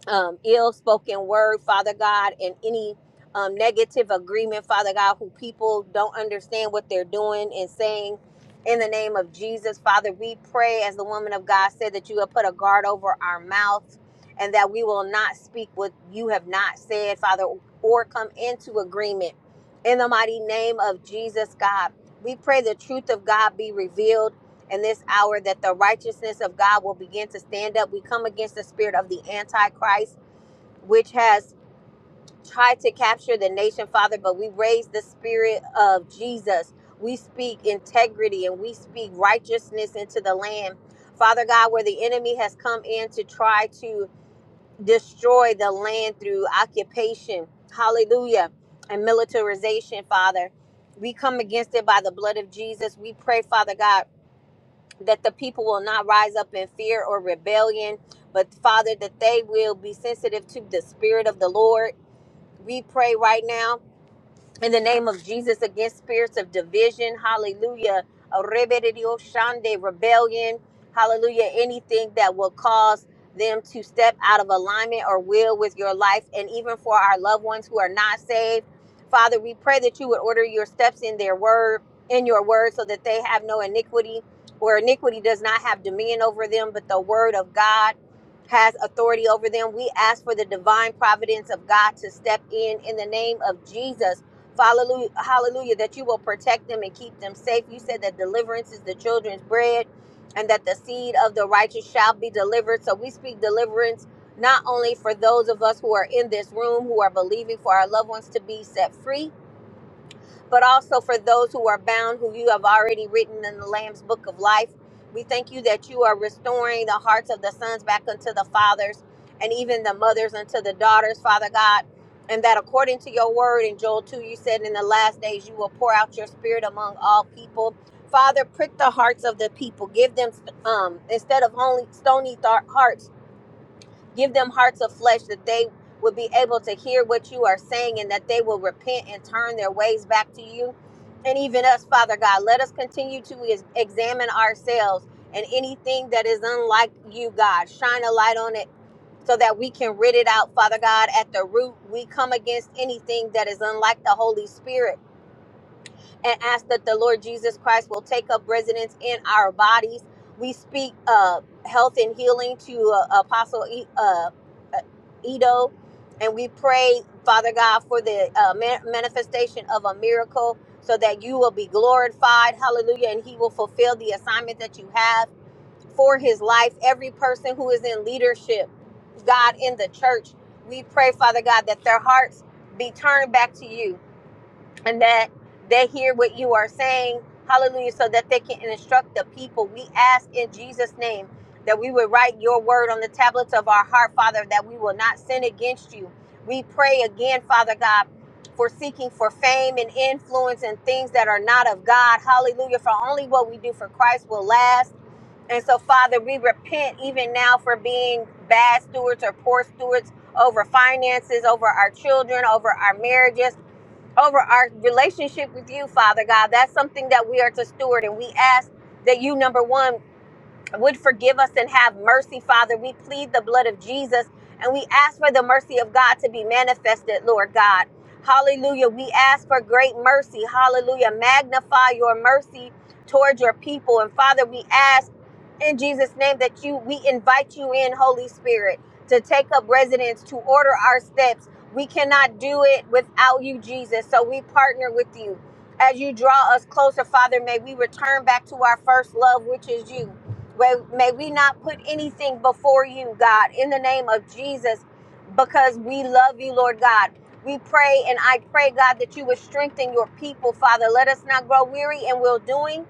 D: um, ill spoken word, Father God, and any um, negative agreement, Father God, who people don't understand what they're doing and saying. In the name of Jesus, Father, we pray, as the woman of God said, that you have put a guard over our mouth and that we will not speak what you have not said, Father, or come into agreement. In the mighty name of Jesus, God, we pray the truth of God be revealed in this hour that the righteousness of God will begin to stand up. We come against the spirit of the Antichrist, which has tried to capture the nation, Father, but we raise the spirit of Jesus. We speak integrity and we speak righteousness into the land. Father God, where the enemy has come in to try to destroy the land through occupation, hallelujah, and militarization, Father. We come against it by the blood of Jesus. We pray, Father God that the people will not rise up in fear or rebellion, but Father, that they will be sensitive to the Spirit of the Lord. We pray right now in the name of Jesus against spirits of division. Hallelujah. Arrebedioshande, Rebellion. Hallelujah. Anything that will cause them to step out of alignment or will with your life and even for our loved ones who are not saved. Father, we pray that you would order your steps in their word, in your word, so that they have no iniquity where iniquity does not have dominion over them, but the word of God has authority over them. We ask for the divine providence of God to step in in the name of Jesus Hallelujah, hallelujah, that you will protect them and keep them safe. You said that deliverance is the children's bread and that the seed of the righteous shall be delivered. So we speak deliverance not only for those of us who are in this room who are believing for our loved ones to be set free, but also for those who are bound, who you have already written in the Lamb's book of life. We thank you that you are restoring the hearts of the sons back unto the fathers and even the mothers unto the daughters, Father God. And that according to your word in Joel 2, you said in the last days you will pour out your spirit among all people. Father, prick the hearts of the people. Give them um, instead of only stony th- hearts Give them hearts of flesh that they would be able to hear what you are saying and that they will repent and turn their ways back to you. And even us, Father God, let us continue to examine ourselves and anything that is unlike you, God. Shine a light on it so that we can rid it out, Father God, at the root. We come against anything that is unlike the Holy Spirit and ask that the Lord Jesus Christ will take up residence in our bodies. We speak uh, health and healing to uh, Apostle E- uh, uh, Edo, and we pray, Father God, for the uh, man- manifestation of a miracle so that you will be glorified. Hallelujah. And he will fulfill the assignment that you have for his life. Every person who is in leadership, God, in the church, we pray, Father God, that their hearts be turned back to you and that they hear what you are saying. Hallelujah. So that they can instruct the people. We ask in Jesus' name that we would write your word on the tablets of our heart, Father, that we will not sin against you. We pray again, Father God, for seeking for fame and influence and things that are not of God. Hallelujah. For only what we do for Christ will last. And so, Father, we repent even now for being bad stewards or poor stewards over finances, over our children, over our marriages over our relationship with you, Father God. That's something that we are to steward. And we ask that you, number one, would forgive us and have mercy, Father. We plead the blood of Jesus and we ask for the mercy of God to be manifested, Lord God. Hallelujah. We ask for great mercy. Hallelujah. Magnify your mercy towards your people. And Father, we ask in Jesus' name that you we invite you in, Holy Spirit, to take up residence, to order our steps. We cannot do it without you, Jesus. So we partner with you. As you draw us closer, Father, may we return back to our first love, which is you. Well, may we not put anything before you, God, in the name of Jesus, because we love you, Lord God. We pray and I pray, God, that you would strengthen your people, Father. Let us not grow weary in well doing,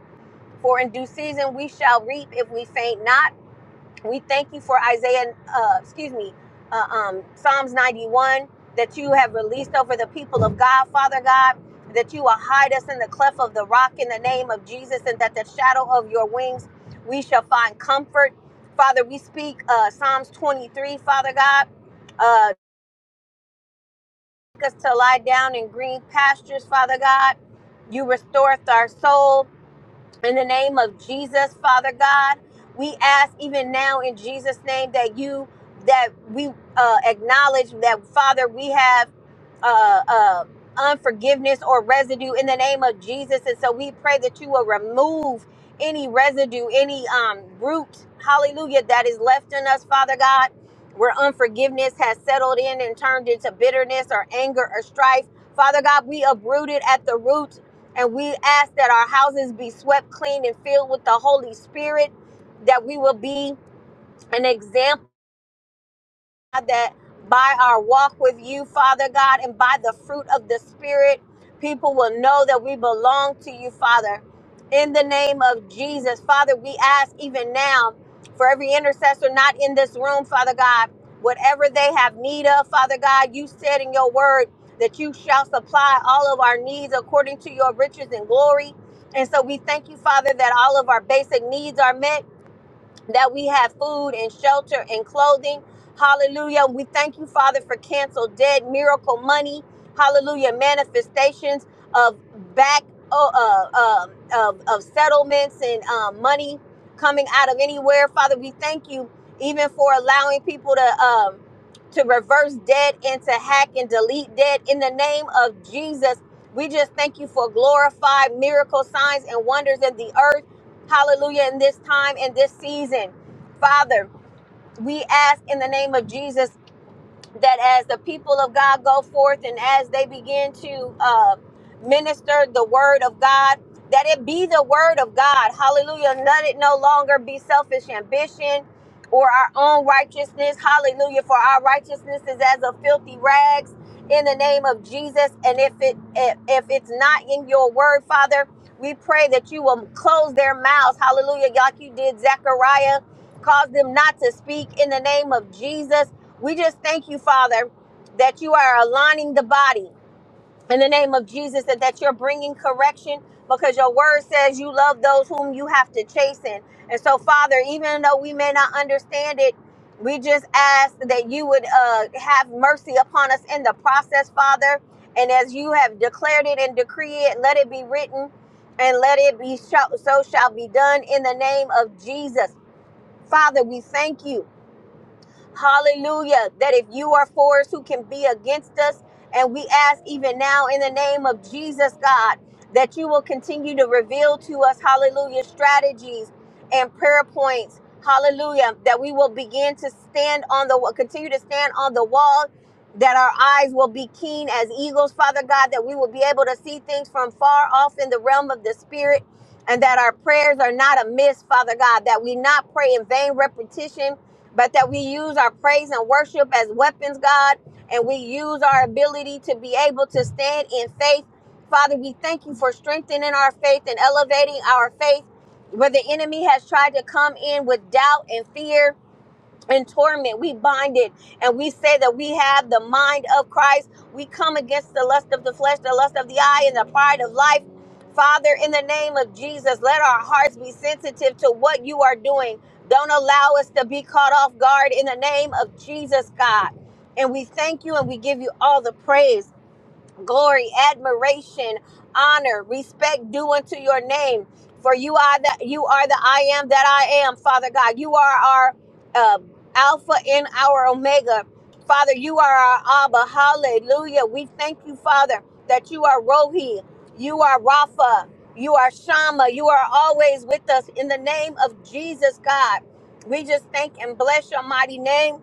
D: for in due season we shall reap if we faint not. We thank you for Isaiah, uh, excuse me, uh, um, Psalms 91 that you have released over the people of God, Father God, that you will hide us in the cleft of the rock in the name of Jesus, and that the shadow of your wings we shall find comfort. Father, we speak uh, Psalms 23, Father God. Uh, us to lie down in green pastures, Father God. You restoreth our soul. In the name of Jesus, Father God, we ask even now in Jesus' name that you that we uh, acknowledge that Father we have uh, uh, unforgiveness or residue in the name of Jesus, and so we pray that you will remove any residue, any um, root, Hallelujah, that is left in us, Father God, where unforgiveness has settled in and turned into bitterness or anger or strife. Father God, we uproot it at the root and we ask that our houses be swept clean and filled with the Holy Spirit, that we will be an example. God, that by our walk with you, Father God, and by the fruit of the Spirit, people will know that we belong to you, Father. In the name of Jesus, Father, we ask even now for every intercessor not in this room, Father God, whatever they have need of, Father God, you said in your word that you shall supply all of our needs according to your riches and glory. And so we thank you, Father, that all of our basic needs are met that we have food and shelter and clothing. Hallelujah. We thank you, Father, for canceled debt, miracle money. Hallelujah. Manifestations of back oh, uh, um, of, of settlements and um, money coming out of anywhere. Father, we thank you even for allowing people to um, to reverse debt and to hack and delete debt in the name of Jesus. We just thank you for glorified miracle signs and wonders in the earth hallelujah, in this time, in this season. Father, we ask in the name of Jesus that as the people of God go forth and as they begin to uh, minister the word of God, that it be the word of God. Hallelujah. Let it no longer be selfish ambition or our own righteousness. Hallelujah. For our righteousness is as a filthy rags in the name of Jesus. And if it if, if it's not in your word, Father, we pray that you will close their mouths. Hallelujah. Like you did Zechariah. Cause them not to speak in the name of Jesus we just thank you, Father, that you are aligning the body in the name of Jesus and that you're bringing correction because your word says you love those whom you have to chasten. And so, Father, even though we may not understand it, we just ask that you would uh, have mercy upon us in the process, Father. And as you have declared it and decreed it, let it be written and let it be so so shall be done in the name of Jesus. Father, we thank you. Hallelujah. That if you are for us, who can be against us? And we ask even now in the name of Jesus, God, that you will continue to reveal to us, hallelujah, strategies and prayer points. Hallelujah. That we will begin to stand on the continue to stand on the wall. That our eyes will be keen as eagles, Father God, that we will be able to see things from far off in the realm of the spirit, and that our prayers are not amiss, Father God, that we not pray in vain repetition, but that we use our praise and worship as weapons, God, and we use our ability to be able to stand in faith. Father, we thank you for strengthening our faith and elevating our faith where the enemy has tried to come in with doubt and fear and torment. We bind it and we say that we have the mind of Christ. We come against the lust of the flesh, the lust of the eye, and the pride of life. Father, in the name of Jesus, let our hearts be sensitive to what you are doing. Don't allow us to be caught off guard in the name of Jesus, God. And we thank you and we give you all the praise glory, admiration, honor, respect due unto your name. For you are that you are the I am that I am, Father God. You are our uh, Alpha and our Omega, Father. You are our Abba. Hallelujah. We thank you, Father, that you are Rohi, you are Rapha, you are Shama. You are always with us in the name of Jesus, God. We just thank and bless your mighty name.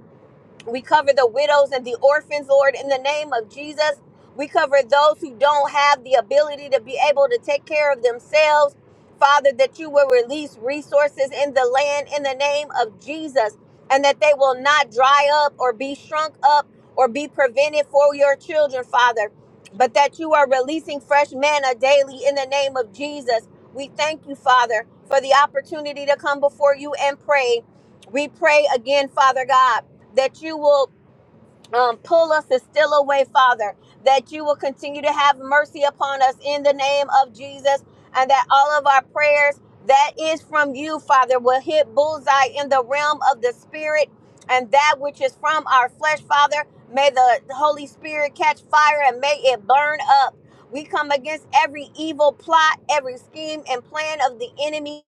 D: We cover the widows and the orphans, Lord, in the name of Jesus. We cover those who don't have the ability to be able to take care of themselves. Father, that you will release resources in the land in the name of Jesus and that they will not dry up or be shrunk up or be prevented for your children, Father, but that you are releasing fresh manna daily in the name of Jesus. We thank you, Father, for the opportunity to come before you and pray. We pray again, Father God that you will um, pull us and still away, Father, that you will continue to have mercy upon us in the name of Jesus, and that all of our prayers that is from you, Father, will hit bullseye in the realm of the Spirit, and that which is from our flesh, Father, may the Holy Spirit catch fire and may it burn up. We come against every evil plot, every scheme and plan of the enemy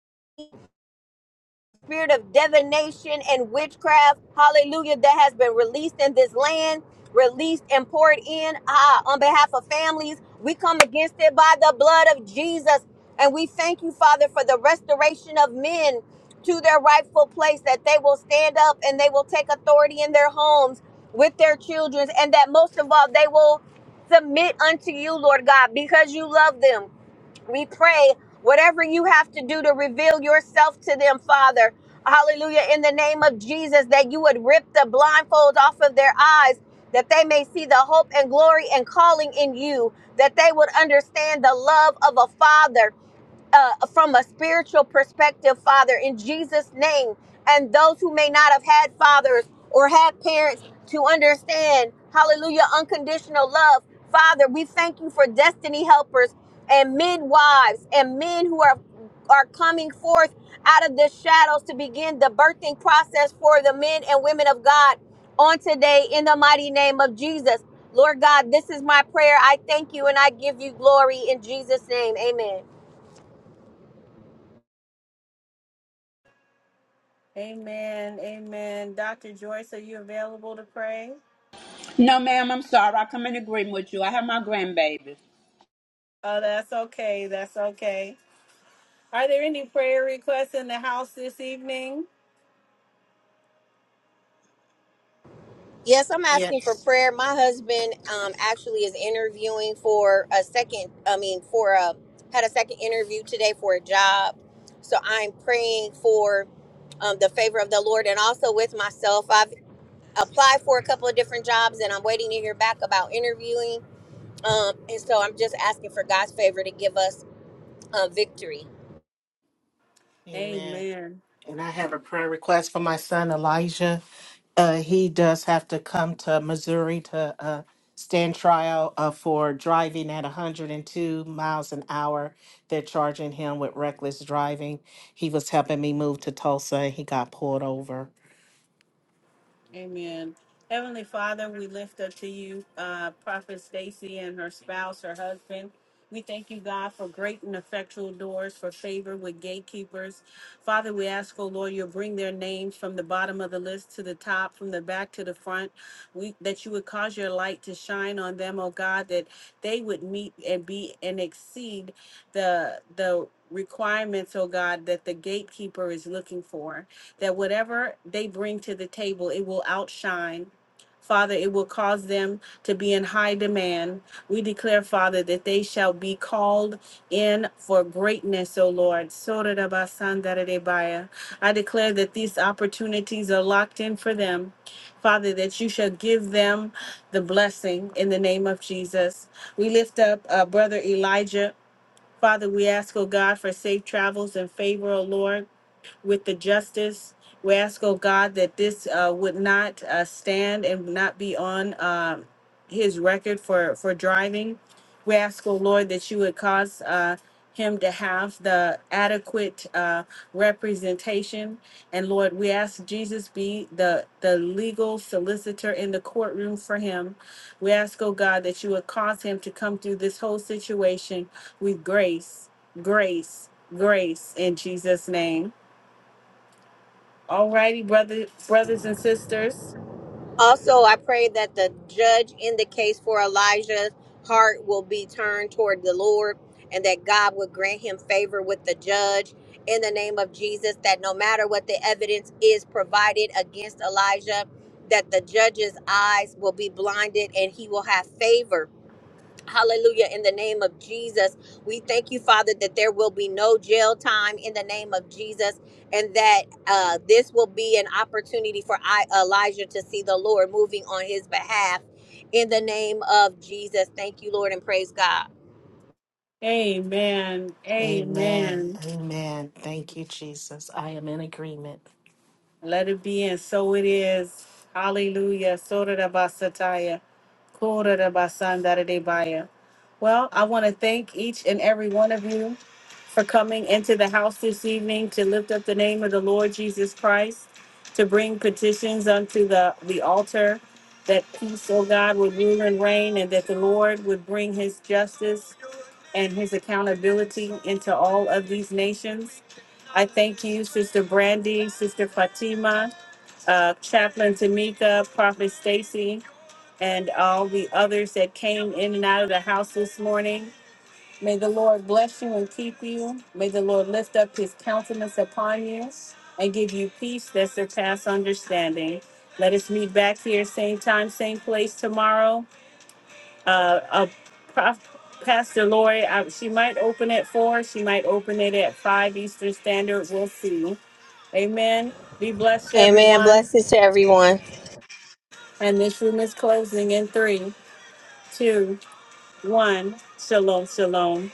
D: spirit of divination and witchcraft, hallelujah, that has been released in this land, released and poured in ah, on behalf of families. We come against it by the blood of Jesus. And we thank you, Father, for the restoration of men to their rightful place, that they will stand up and they will take authority in their homes with their children, and that most of all, they will submit unto you, Lord God, because you love them we pray whatever you have to do to reveal yourself to them, Father. Hallelujah. In the name of Jesus, that you would rip the blindfolds off of their eyes, that they may see the hope and glory and calling in you, that they would understand the love of a father uh, from a spiritual perspective, Father, in Jesus' name. And those who may not have had fathers or had parents to understand, hallelujah, unconditional love. Father, we thank you for destiny helpers and midwives and men who are are coming forth out of the shadows to begin the birthing process for the men and women of God on today in the mighty name of Jesus. Lord God, this is my prayer. I thank you and I give you glory in Jesus' name. Amen.
A: Amen. Amen. Dr. Joyce, are you available to pray?
E: No, ma'am, I'm sorry. I come in agreement with you. I have my grandbaby.
A: Oh, that's okay. That's okay. Are there any prayer requests in the house this evening?
D: Yes, I'm asking for
C: Yes.
D: prayer. My husband um, actually is interviewing for a second, I mean, for a, had a second interview today for a job. So I'm praying for um, the favor of the Lord and also with myself. I've applied for a couple of different jobs and I'm waiting to hear back about interviewing. Um, and so I'm just asking for God's favor to give us uh, victory.
C: Amen.
A: Amen.
C: And I have a prayer request for my son Elijah. Uh, he does have to come to Missouri to uh, stand trial uh, for driving at 102 miles an hour. They're charging him with reckless driving. He was helping me move to Tulsa and he got pulled over.
A: Amen. Heavenly Father, we lift up to you uh, Prophet Stacy and her spouse, her husband. We thank you, God, for great and effectual doors, for favor with gatekeepers. Father, we ask, oh Lord, you'll bring their names from the bottom of the list to the top, from the back to the front. We that you would cause your light to shine on them, oh God, that they would meet and be and exceed the the requirements, oh God, that the gatekeeper is looking for that whatever they bring to the table, it will outshine. Father, it will cause them to be in high demand. We declare, Father, that they shall be called in for greatness, O Lord. Sorarabasandaradebaya. I declare that these opportunities are locked in for them. Father, that you shall give them the blessing in the name of Jesus. We lift up uh, Brother Elijah. Father, we ask, O God, for safe travels and favor, O Lord with the justice. We ask, oh God, that this uh, would not uh, stand and not be on um his record for, for driving. We ask, oh Lord, that you would cause uh, him to have the adequate uh, representation. And Lord, we ask Jesus be the, the legal solicitor in the courtroom for him. We ask, oh God, that you would cause him to come through this whole situation with grace, grace, grace in Jesus' name. All righty, brother, brothers and sisters.
D: Also, I pray that the judge in the case for Elijah's heart will be turned toward the Lord and that God would grant him favor with the judge in the name of Jesus, that no matter what the evidence is provided against Elijah, that the judge's eyes will be blinded and he will have favor Hallelujah. In the name of Jesus, we thank you, Father, that there will be no jail time in the name of Jesus, and that uh, this will be an opportunity for I, Elijah to see the Lord moving on his behalf. In the name of Jesus, thank you, Lord, and praise God.
A: Amen.
C: Amen.
A: Amen.
C: Amen. Thank you, Jesus. I am in agreement.
A: Let it be, and so it is. Hallelujah. Sora da basataya. Kora da basanda da debaya. Well, I want to thank each and every one of you for coming into the house this evening to lift up the name of the Lord Jesus Christ, to bring petitions unto the, the altar, that peace, O God, would rule and reign, and that the Lord would bring his justice and his accountability into all of these nations. I thank you, Sister Brandy, Sister Fatima, uh, Chaplain Tamika, Prophet Stacy, and all the others that came in and out of the house this morning. May the Lord bless you and keep you. May the Lord lift up his countenance upon you and give you peace that surpasses understanding. Let us meet back here, same time, same place tomorrow uh, uh, Prof, Pastor Lori, I, she might open at four. She might open it at five Eastern Standard. We'll see. Amen. Be blessed,
D: Amen.
A: everyone.
D: Blessings to everyone.
A: And this room is closing in three, two, one. Shalom, shalom.